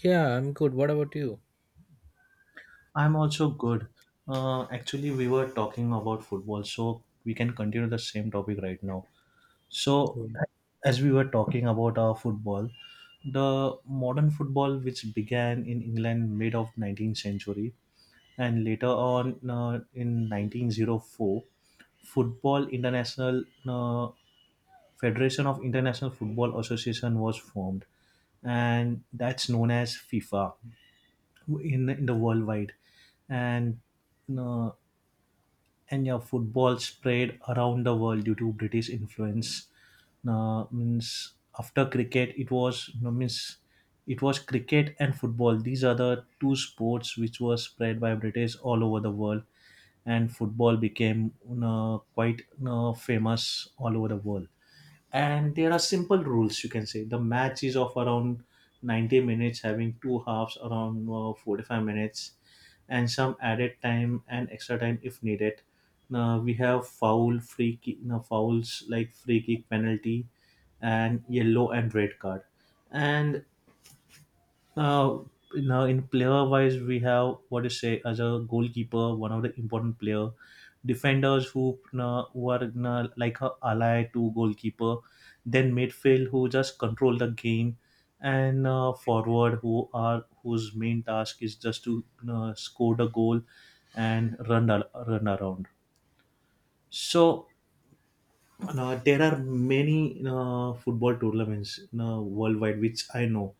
Yeah, I'm good. What about you? I'm also good. Actually, we were talking about football, so we can continue the same topic right now. So, Yeah. as we were talking about our football, the modern football, which began in England mid of 19th century and later on in 1904, Football International Federation of International Football Association was formed, and that's known as FIFA in the worldwide, and uh, and yeah, football spread around the world due to British influence. Means after cricket, it was no means it was cricket and football. These are the two sports which were spread by British all over the world, and football became quite famous all over the world, and there are simple rules. You can say the match is of around 90 minutes, having two halves around 45 minutes, and some added time and extra time if needed. Now we have foul free kick, no, fouls like free kick, penalty, and yellow and red card. And uh, now, in player wise, we have what to say as a goalkeeper, one of the important player, defenders who are like a ally to goalkeeper, then midfield who just control the game, and forward who are whose main task is just to score the goal and run around. So there are many football tournaments worldwide which I know.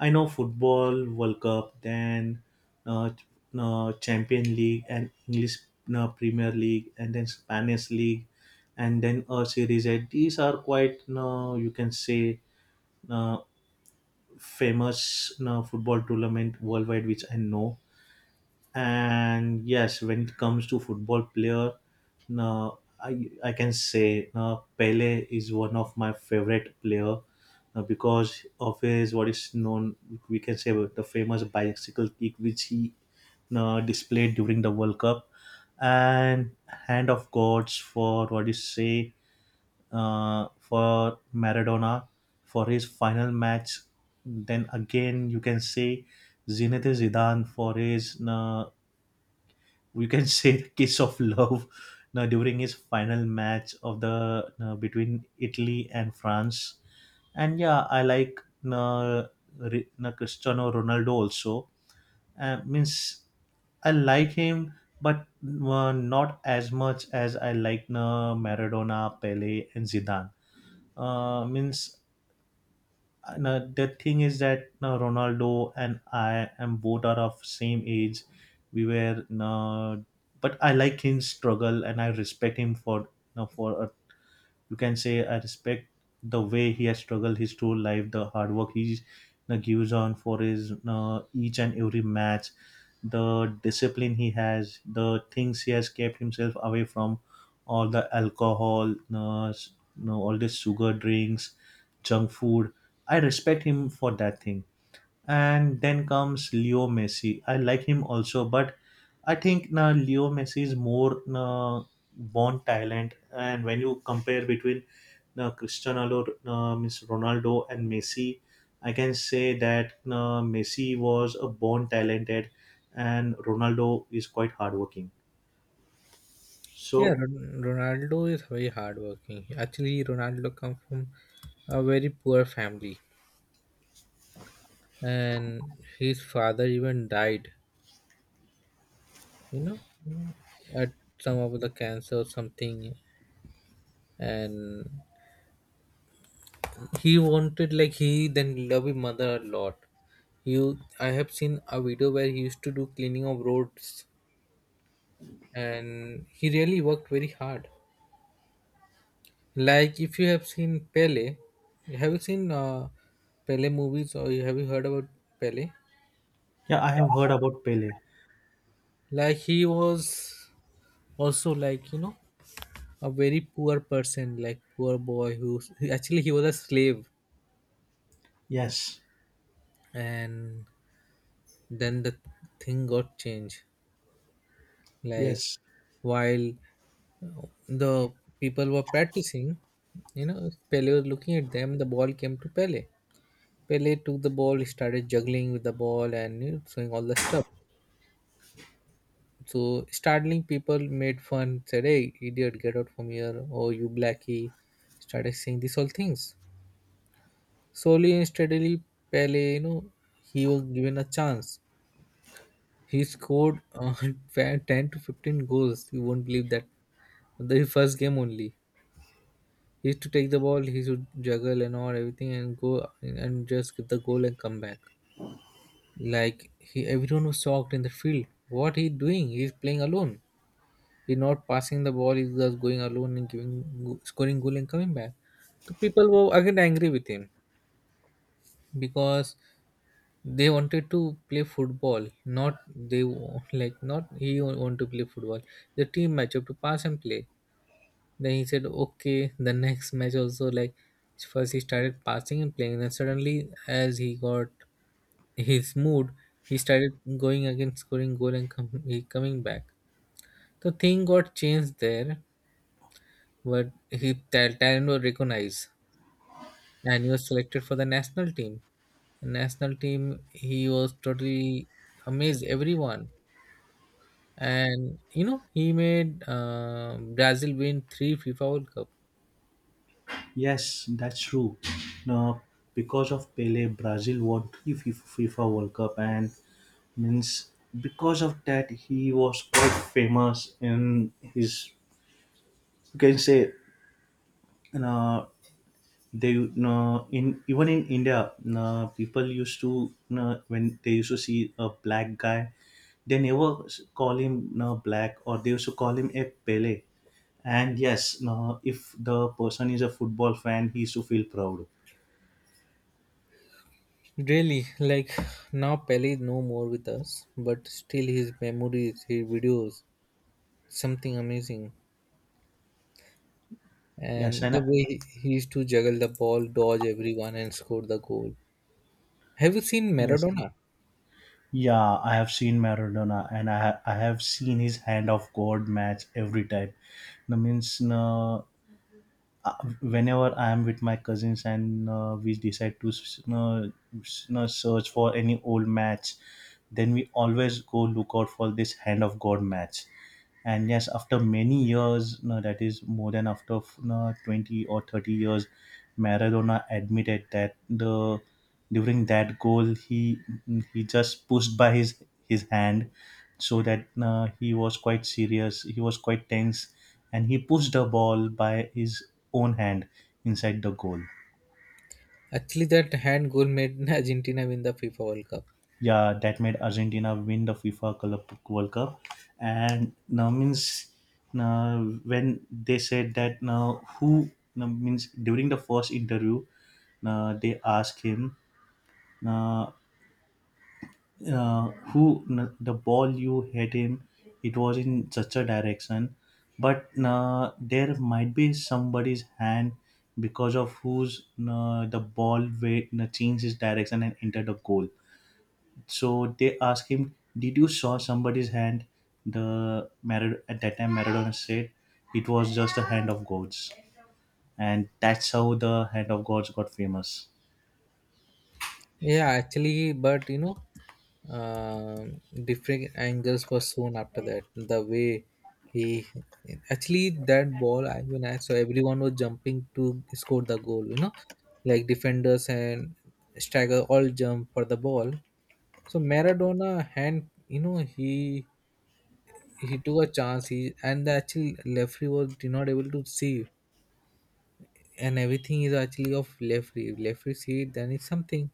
I know football, World Cup, then uh, ch- Champion League, and English Premier League, and then Spanish League, and then a Series A. These are quite you can say uh, famous football tournament worldwide, which I know. And yes, when it comes to football player, no, I can say Pele is one of my favorite player, because of his, what is known, we can say, about the famous bicycle kick which he displayed during the World Cup, and hand of gods for, what you say, for Maradona, for his final match. Then again, you can say Zinedine Zidane for his, we can say, the kiss of love now during his final match of the between Italy and France. And yeah, I like uh, Cristiano Ronaldo also. Means I like him, but not as much as I like Maradona, Pele, and Zidane. Means and, the thing is that Ronaldo and I am both are of same age. We were, but I like his struggle, and I respect him for, for a you can say, I respect the way he has struggled his whole life, the hard work he gives on for his, each and every match, the discipline he has, the things he has kept himself away from, all the alcohol, you know, all the sugar drinks, junk food. I respect him for that thing, and then comes Leo Messi. I like him also, but I think now Leo Messi is more born talent. And when you compare between Cristiano Ro- means Ronaldo and Messi, I can say that Messi was a born talented, and Ronaldo is quite hardworking. Yeah, So Ronaldo is very hardworking. Actually, Ronaldo come from a very poor family, and his father even died. You know, at some of the cancer or something, and he wanted like he then loved his mother a lot. You, I have seen a video where he used to do cleaning of roads, and he really worked very hard. Like if you have seen Pele, have you seen Pele movies or have you heard about Pele? yeah, I have heard about Pele. Like he was also like you know a very poor person, like poor boy who actually he was a slave, Yes, and then the thing got changed. Like yes. while the people were practicing, you know Pele was looking at them. The ball came to Pele. Pele took the ball, he started juggling with the ball and, you know, doing all the stuff. So startling people made fun, said, "Hey, idiot, get out from here! Oh, you blackie," started saying these all things. Slowly and steadily, Pele, you know, he was given a chance. He scored 10 to 15 goals. You won't believe that. The first game only. He used to take the ball, he should juggle and all everything and go and just give the goal and come back. Like he everyone was shocked in the field. What he doing? He's playing alone. He's not passing the ball. He's just going alone and scoring goal and coming back. So people were again angry with him because they wanted to play football. Not like not want to play football. The team matchup to pass and play. Then he said okay. The next match also, like first he started passing and playing. Then suddenly as he got his mood, he started going again scoring goal and he coming back. The thing got changed there. But he Talon was recognized, and he was selected for the national team. The national team, he was totally amazed everyone, and you know he made Brazil win three FIFA World Cup. Yes, that's true. Now, because of Pele, Brazil won three FIFA World Cup, and means because of that, he was quite famous in his. You can say, uh, they in even in India, people used to, when they used to see a black guy, they never s- call him black, or they used to call him a Pele. And yes, if the person is a football fan, he used to feel proud. Really, like now Pele is no more with us, but still his memories, his videos, something amazing. Yes. And the way he used to juggle the ball, dodge everyone, and score the goal. Have you seen Yes, Maradona? yeah, I have seen Maradona, and I have seen his hand of God match every time. That means, uh, whenever I am with my cousins, and we decide to search for any old match, then we always go look out for this Hand of God match. And yes, after many years, no, that is more than after no, 20 or 30 years, Maradona admitted that, the during that goal he, just pushed by his hand, so that he was quite serious, he was quite tense, and he pushed the ball by his own hand inside the goal. Actually, that hand goal made Argentina win the FIFA World Cup. Yeah, that made Argentina win the FIFA Club World Cup. And now, means now when they said that now who now means during the first interview, now they asked him. Now who the ball you hit him, it was in such a direction, but there might be somebody's hand, because of whose the ball way changed his direction and entered the goal. So they asked him, did you saw somebody's hand? At that time, Maradona said it was just the hand of gods, and that's how the hand of gods got famous. Yeah, actually, but you know, different angles were shown after that. The way he actually that ball, I mean, I saw everyone was jumping to score the goal. You know, like defenders and striker all jump for the ball. So Maradona hand, you know, he took a chance. He and the actual referee was did not able to see, and everything is actually of Lefri. Lefri seed, then it's something.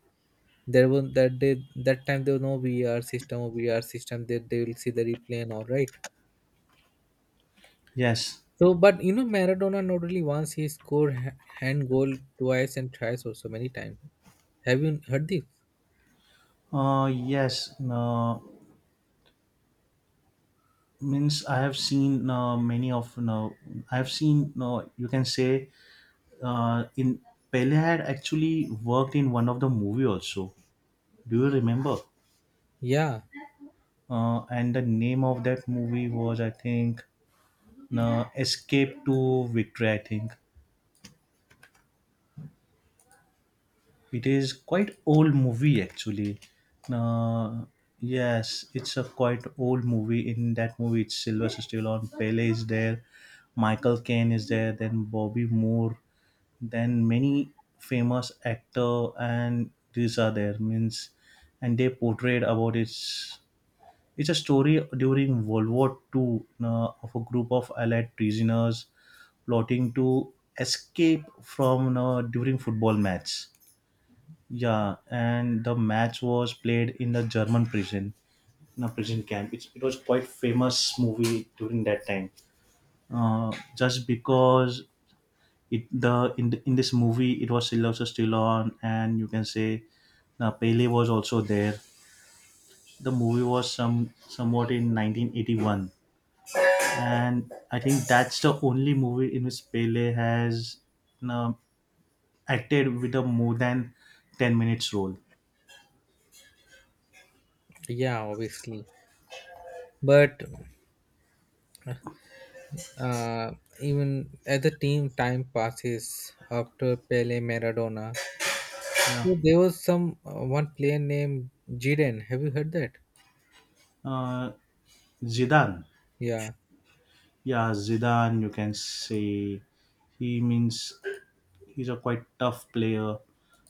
There was that day, that time there was no VR system or VR system. They will see the replay and all right. Yes. So, but you know, Maradona not only once he scored hand goal twice and thrice or so many times. Have you heard this? Yes, no, means I have seen many of you, I have seen, you can say, in Pele had actually worked in one of the movie also. Do you remember? Yeah, And the name of that movie was, I think, no escape to victory, I think. It is quite old movie actually. Uh, yes, it's a quite old movie. In that movie, it's Sylvester Stallone, Pele is there, Michael Caine is there, then Bobby Moore, then many famous actor, and these are there means, and they portrayed about it's a story during World War II, of a group of Allied prisoners plotting to escape from, during football match. Yeah, and the match was played in the German prison, in a prison camp. It was quite famous movie during that time. Uh, just because, it the, in this movie, it was Sylvester Stallone, and you can say Pele was also there. The movie was some somewhat in 1981, and I think that's the only movie in which Pele has, you know, acted with a more than 10 minutes role. yeah, obviously. But uh, even as the team time passes after Pele, Maradona, Yeah. so there was some one player named Jiren. Have you heard that? Uh, Zidane. Yeah. Yeah, Zidane, you can say he, means he's a quite tough player,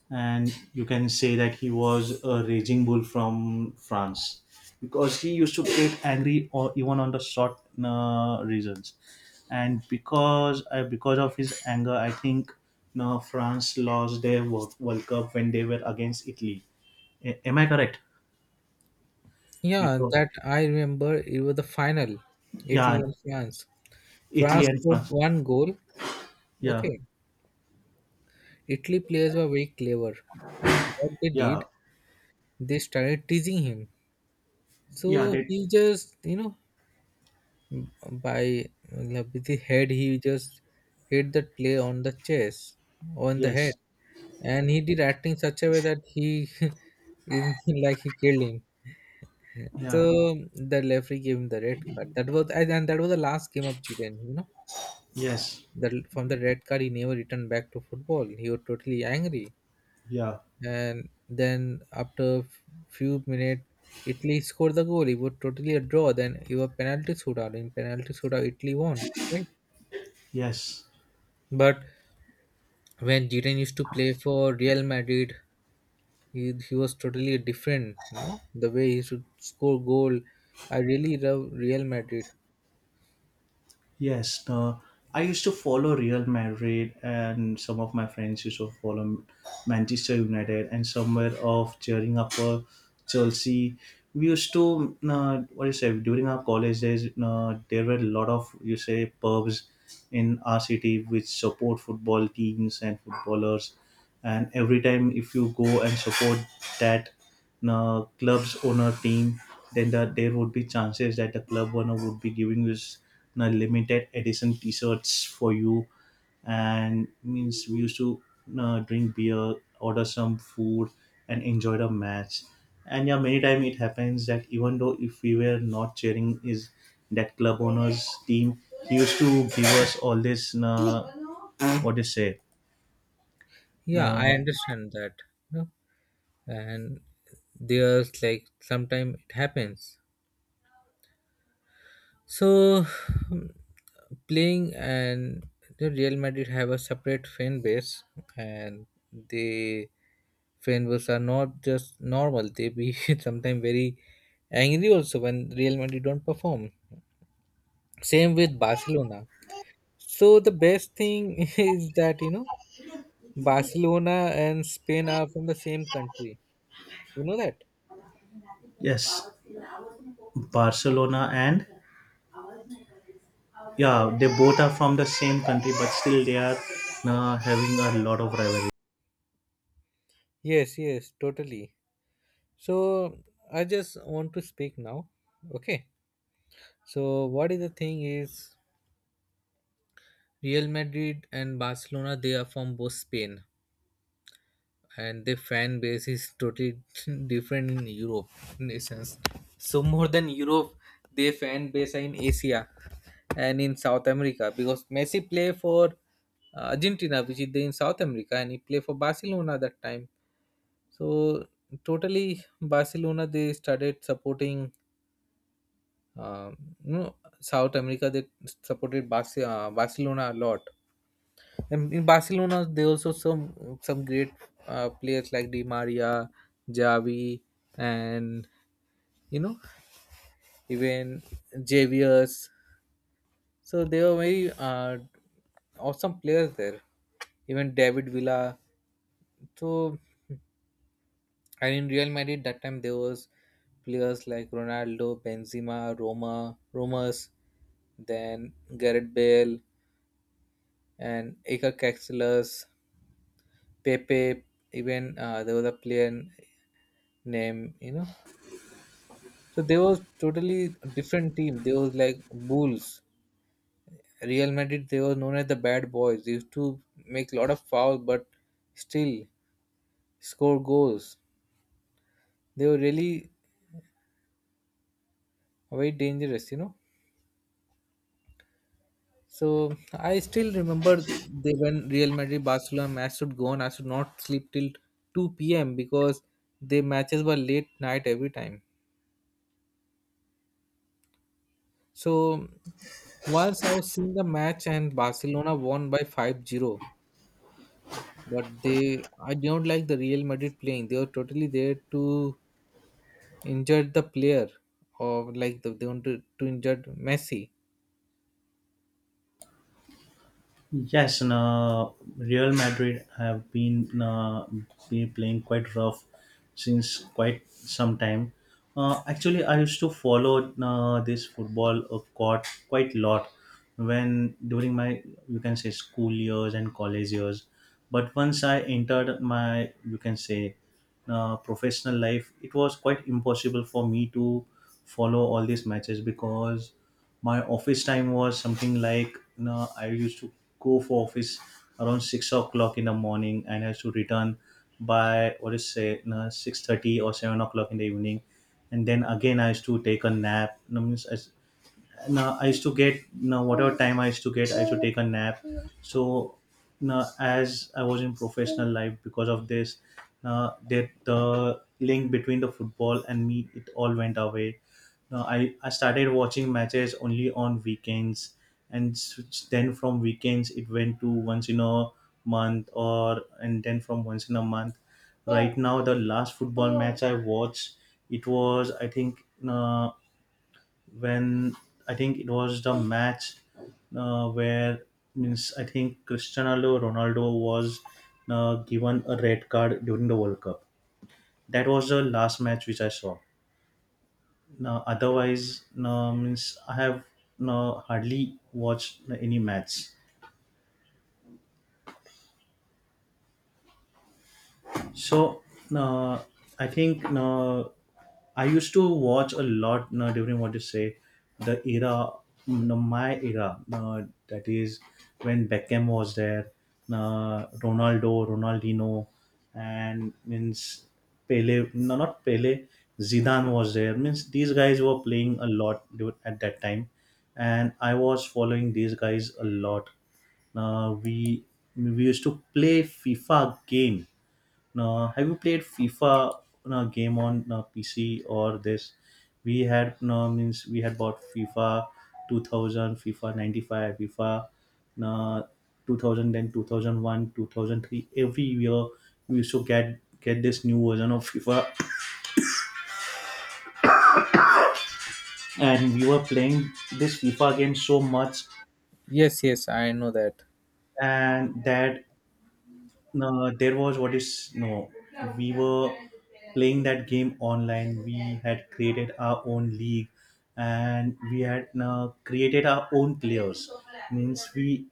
and you can say that he was a raging bull from France, because he used to get angry or even on the short reasons, and because I because of his anger, I think now France lost their World Cup when they were against Italy. Am I correct? Yeah, Because that I remember, it was the final, yeah, Italy and France. Italy France and scored France. one goal. Yeah, Okay. Italy players were very clever. What they yeah, did, they started teasing him. yeah. So They he just, you know, by, like, with the head, he just hit that player on the chest, on the head. Yes, And he did acting such a way that he, is like he killed him. yeah. So the referee gave him the red card. That was, and that was the last game of Chile, you know. Yes, The from the red card he never returned back to football, he was totally angry, yeah. and then after few minutes Italy scored the goal. It was totally a draw, then it was penalty shootout. In penalty shootout Italy won, right? Yes, But when Zidane used to play for Real Madrid, he was totally different, you know, the way he should score goal. I really love Real Madrid. yes. No, I used to follow Real Madrid, and some of my friends used to follow Manchester United, and somewhere of cheering up for Chelsea. We used to, what do you say, during our college days, there were a lot of, you say, pubs in our city which support football teams and footballers. And every time if you go and support that club's owner team, then the, there would be chances that the club owner would be giving you s- na limited edition T-shirts for you, and means we used to drink beer, order some food, and enjoy the match. And yeah, many time it happens that even though if we were not cheering is that club owner's team, he used to give us all this, what do you say? Yeah, Uh, I understand that, you know. And there's like sometimes it happens. So, playing and the Real Madrid have a separate fan base, and the fan base are not just normal; they be sometimes very angry also when Real Madrid don't perform. Same with Barcelona. So the best thing is that you know Barcelona and Spain are from the same country. You know that? yes, Barcelona. And Yeah, they both are from the same country, but still they are having a lot of rivalry. Yes, yes, totally. So I just want to speak now. Okay. So what is the thing is Real Madrid and Barcelona, they are from both Spain, and their fan base is totally different in Europe nations. So more than Europe, their fan base are in Asia and in South America because Messi play for Argentina, which is there in South America, and he play for Barcelona that time. So totally, Barcelona they started supporting. Um, you know, South America they supported Barcelona a lot. And in Barcelona, there also some great players like Di Maria, Javi, and you know even Javius. So they were very awesome players there. Even David Villa. So and in Real Madrid that time there was players like Ronaldo, Benzema, Roma, Romas, then Gareth Bale and Iker Casillas, Pepe. Even there was a player named, you know. So they was totally different team. They was like Bulls. Real Madrid, they were known as the bad boys. They used to make a lot of foul, but still score goals. They were really very dangerous, you know. So I still remember, they when Real Madrid Barcelona match should go on, I should not sleep till 2 p.m. because their matches were late night every time. So once I was seeing the match and Barcelona won by 5-0. But they I don't like the Real Madrid playing, they were totally there to injure the player, or like the, they want to injure Messi. Yes, and, Real Madrid have been, be playing quite rough since quite some time. Actually, I used to follow this football of court quite lot, when during my, you can say, school years and college years. But once I entered my, you can say, professional life, it was quite impossible for me to follow all these matches, because my office time was something like, you know, I used to go for office around 6 o'clock in the morning, and I used to return by, what is say, you know, 6:30 or 7 o'clock in the evening, and then again I used to take a nap. You know, means I, now I used to get, now whatever time I used to get, I used to take a nap. So now as I was in professional life, because of this, now that the link between the football and me, it all went away. Now I started watching matches only on weekends, and then from weekends it went to once in a month, or and then from once in a month. Right now the last football match I watched, it was I think. Uh, when I think it was the match, where means I think Cristiano Ronaldo was given a red card during the World Cup. That was the last match which I saw. Now, otherwise, no, means I have no, hardly watched any match. So, uh, I think I used to watch a lot during what you say, the era, my era, that is when Beckham was there, Ronaldo, Ronaldinho, and means Pele, no, not Pele, Zidane was there. Means these guys were playing a lot at that time, and I was following these guys a lot. Uh, we we used to play FIFA game. Now, have you played FIFA game on PC or this? We had means we had bought FIFA 2000, FIFA 95, FIFA uh, 2000, then 2001, 2003. Every year we used to get this new version of FIFA, and we were playing this FIFA game so much. Yes, yes, I know that. And that, no, there was what is, no, we were playing that game online. We had created our own league, and we had created our own players. Means we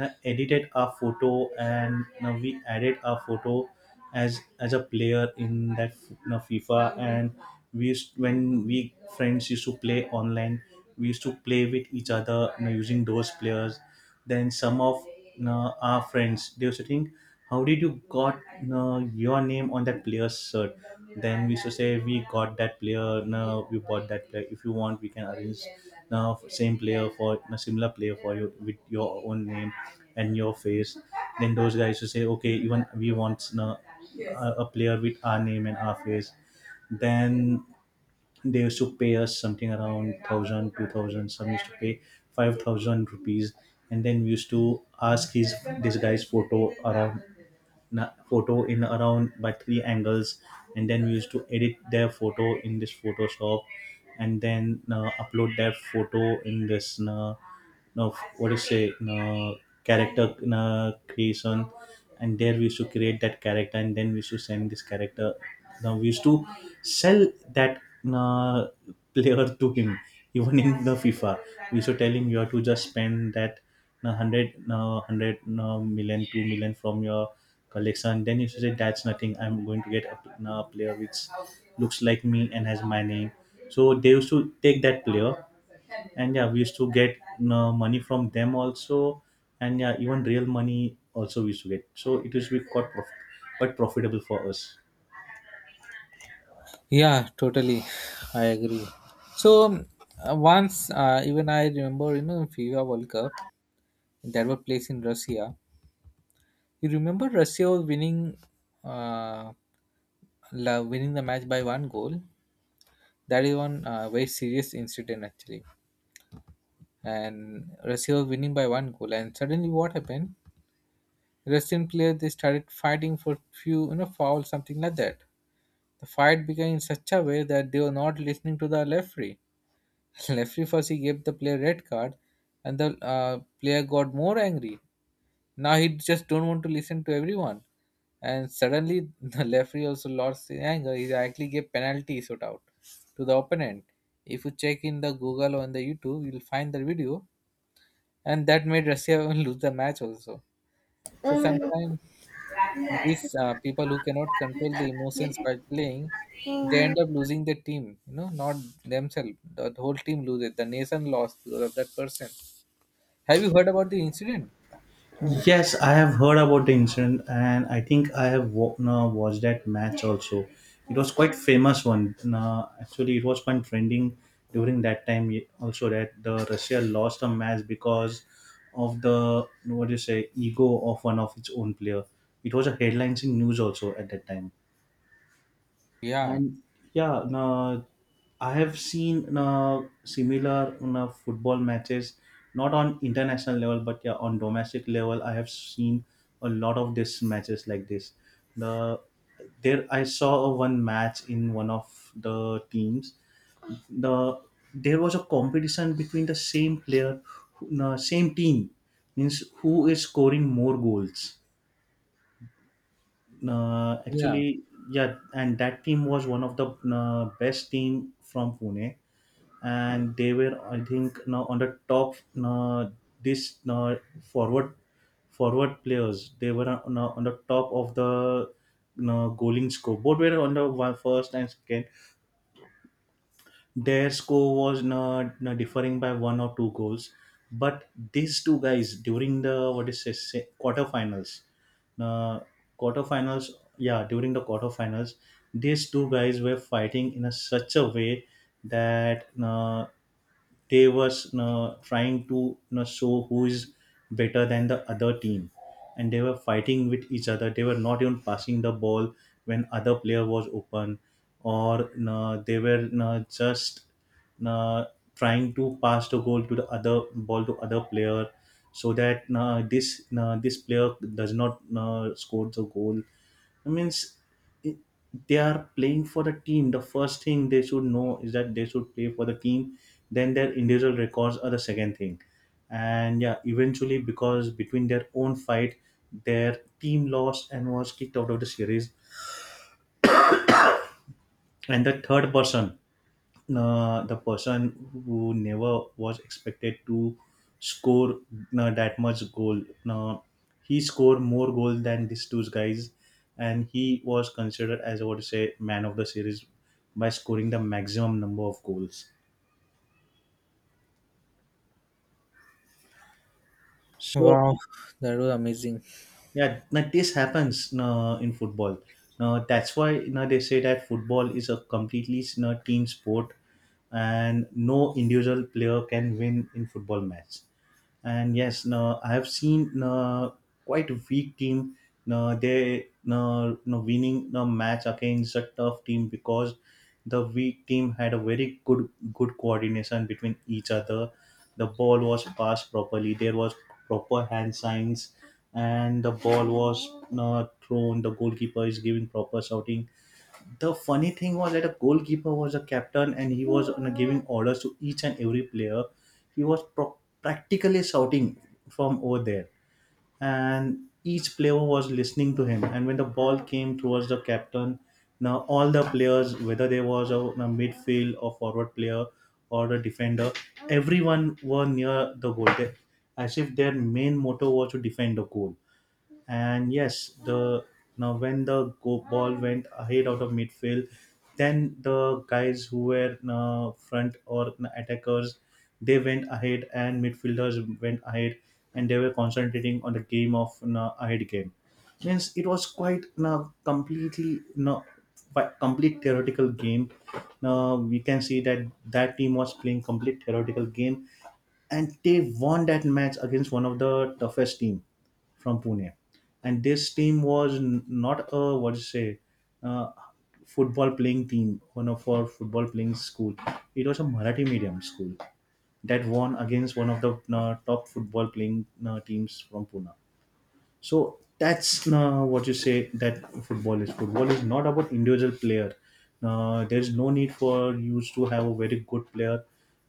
edited our photo, and now we added our photo as a player in that FIFA. And we used, when we friends used to play online, we used to play with each other, you know, using those players. Then some of our friends, they were to, how did you got uh, your name on that player's shirt? Then we used to say, we got that player, no, we bought that player. If you want, we can arrange now same player, for a similar player for you with your own name and your face. Then those guys used to say, okay, even we want a player with our name and our face. Then they used to pay us something around thousand, 2000. Some used to pay 5,000 rupees. And then we used to ask his, this guy's photo around, photo in around by three angles. And then we used to edit their photo in this Photoshop, and then upload their photo in this, no, what do you say, character creation. And there we used to create that character, and then we used to send this character. Now we used to sell that uh, player to him. Even in the FIFA, we used to tell him, you have to just spend that 100 million, two million from your collection. Then you should say, that's nothing, I'm going to get a player which looks like me and has my name. So they used to take that player, and yeah, we used to get you money from them also. And yeah, even real money also we used to get, so it used to be quite quite profitable for us. Yeah, totally. I agree. So once even I remember, you know, FIFA World Cup that was placed in Russia. You remember Russia was winning uh winning the match by one goal. That is one very serious incident actually, and Russia was winning by one goal. And suddenly, what happened? Russian players they started fighting for few, you know, foul something like that. The fight began in such a way that they were not listening to the referee. Referee first he gave the player red card, and the player got more angry. Now he just don't want to listen to everyone, and suddenly the referee also lost his anger. He actually gave penalty shootout to the opponent. If you check in the Google or on the YouTube, you'll find the video, and that made Russia lose the match also. So sometimes these people who cannot control the emotions by playing, they end up losing the team. You know, not themselves. The whole team loses. The nation lost because of that person. Have you heard about the incident? Yes, I have heard about the incident, and I think I have wa- no, watched that match also. It was quite famous one, no, actually it was quite trending during that time, also that the Russia lost a match because of the, what do you say, ego of one of its own player. It was a headlines in news also at that time. Yeah, And yeah, na, I have seen, na, similar, na, football matches, not on international level, but yeah, on domestic level, I have seen a lot of these matches like this. The there I saw one match in one of the teams. The there was a competition between the same player, same team, means who is scoring more goals, yeah. actually. Yeah, and that team was one of the best team from Pune, and they were, I think, now on the top. This forward forward players, they were on the top of the goaling score. Both were on the one, first and second, their score was, na, na, differing by one or two goals, but these two guys during the, what is it, quarterfinals, uh, quarterfinals, yeah, during the quarterfinals, these two guys were fighting in a such a way that. They was trying to, you know, show who is better than the other team, and they were fighting with each other. They were not even passing the ball when other player was open, or you know, they were, you know, just, you know, trying to pass the goal to the other ball to other player, so that, you know, this, you know, this player does not, you know, score the goal. I means it- they are playing for the team. The first thing they should know is that they should play for the team. Then their individual records are the second thing. And yeah, eventually because between their own fight, their team lost and was kicked out of the series. And the third person, the person who never was expected to score that much goal. Uh, he scored more goals than these two guys, and he was considered as, I would say, man of the series by scoring the maximum number of goals. So Wow, that was amazing. yeah, now this happens in football. Now that's why, you know, they say that football is a completely, you know, team sport, and no individual player can win in football match. And yes, no, I have seen, no, quite a weak team, no, they, no, no, winning, no, match against a tough team, because the weak team had a very good coordination between each other. The ball was passed properly. There was proper hand signs, and the ball was, no, thrown. The goalkeeper is giving proper shouting. The funny thing was that a goalkeeper was a captain, and he was, you know, giving orders to each and every player. He was practically shouting from over there, and each player was listening to him. And when the ball came towards the captain, now all the players, whether there was a midfield or forward player or a defender, everyone were near the goal, they, as if their main motto was to defend the goal. And yes, the, now when the go ball went ahead out of midfield, then the guys who were front or attackers, they went ahead, and midfielders went ahead, and they were concentrating on the game of, ahead game. Means it was quite completely uh, complete theoretical game. Now we can see that that team was playing complete theoretical game, and they won that match against one of the toughest team from Pune. And this team was not a, what to say, uh, football playing team, one of our football playing school. It was a Marathi medium school that won against one of the top football playing teams from Pune. So that's what you say that football is. Football is not about individual player. There's no need for you to have a very good player,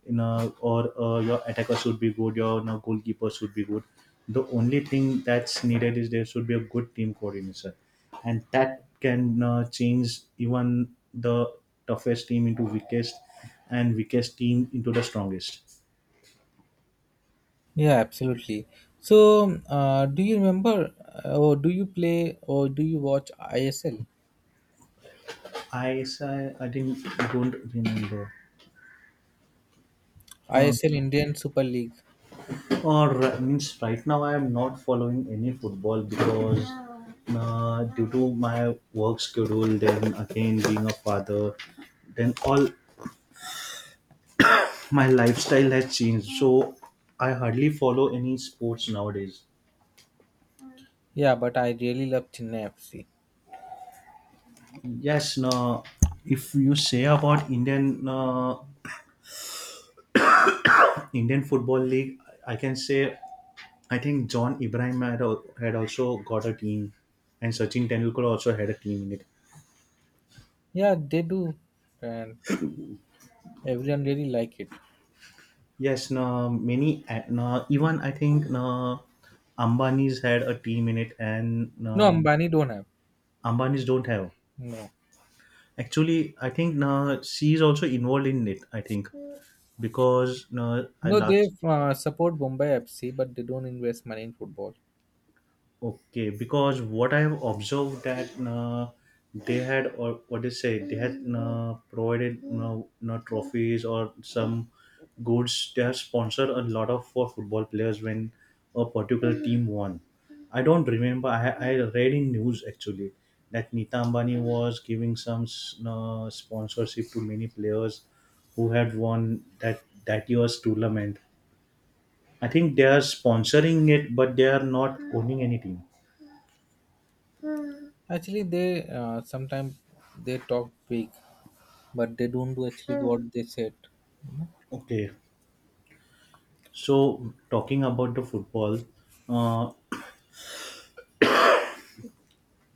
in a, or your attacker should be good, your, you know, goalkeeper should be good. The only thing that's needed is there should be a good team coordinator, and that can change even the toughest team into weakest, and weakest team into the strongest. Yeah, absolutely. So, do you remember, or do you play, or do you watch ISL? I didn't don't remember. I Uh, S L Indian Super League. Or means right now I am not following any football, because due to my work schedule, then again being a father, then all my lifestyle has changed. So I hardly follow any sports nowadays. Yeah, but I really love Chennai FC. Yes, no. If you say about Indian, Indian Football League, I can say I think John Ibrahim had, had also got a team, and Sachin Tendulkar also had a team in it. Yeah, they do, and everyone really like it. Yes, no, many, no, even I think, no, Ambani's had a team in it, and No, no, Ambani don't have. Ambani's don't have. No, Actually, I think, no, she is also involved in it. I think because, no, I no, they last. Support Mumbai FC, but they don't invest money in football. Okay, because what I have observed that they had, or what they say, they had provided trophies or some goods. They have sponsored a lot of for football players when a particular team won. I don't remember. I read in news actually that Nita Ambani was giving some sponsorship to many players who had won that year's tournament. I think they are sponsoring it, but they are not owning any team. Actually, they sometimes they talk big, but they don't do actually what they said. You know? Okay, so talking about the football, uh,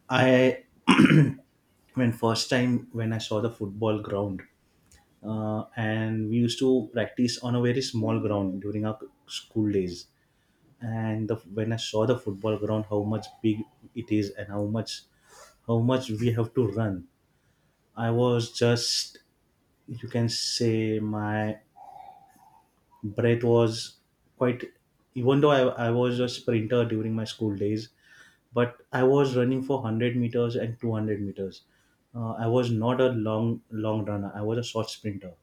I when first time when I saw the football ground, and we used to practice on a very small ground during our school days. And the, when I saw the football ground, how much big it is, and how much we have to run, I was just, you can say, my, but it was quite, even though I was a sprinter during my school days, but I was running for 100 meters and 200 meters. I was not a long runner, I was a short sprinter.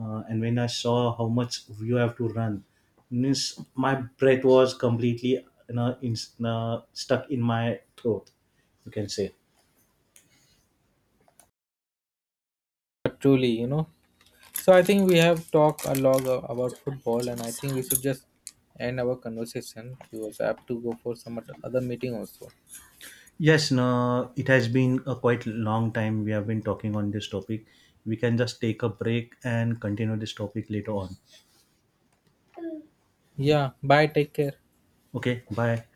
And when I saw how much you have to run, means my breath was completely, you know, in, stuck in my throat, you can say. But truly, you know. So I think we have talked a lot about football, and I think we should just end our conversation because I have to go for some other meeting also. Yes, no, it has been a quite long time we have been talking on this topic. We can just take a break and continue this topic later on. Yeah, bye. Take care. Okay, bye.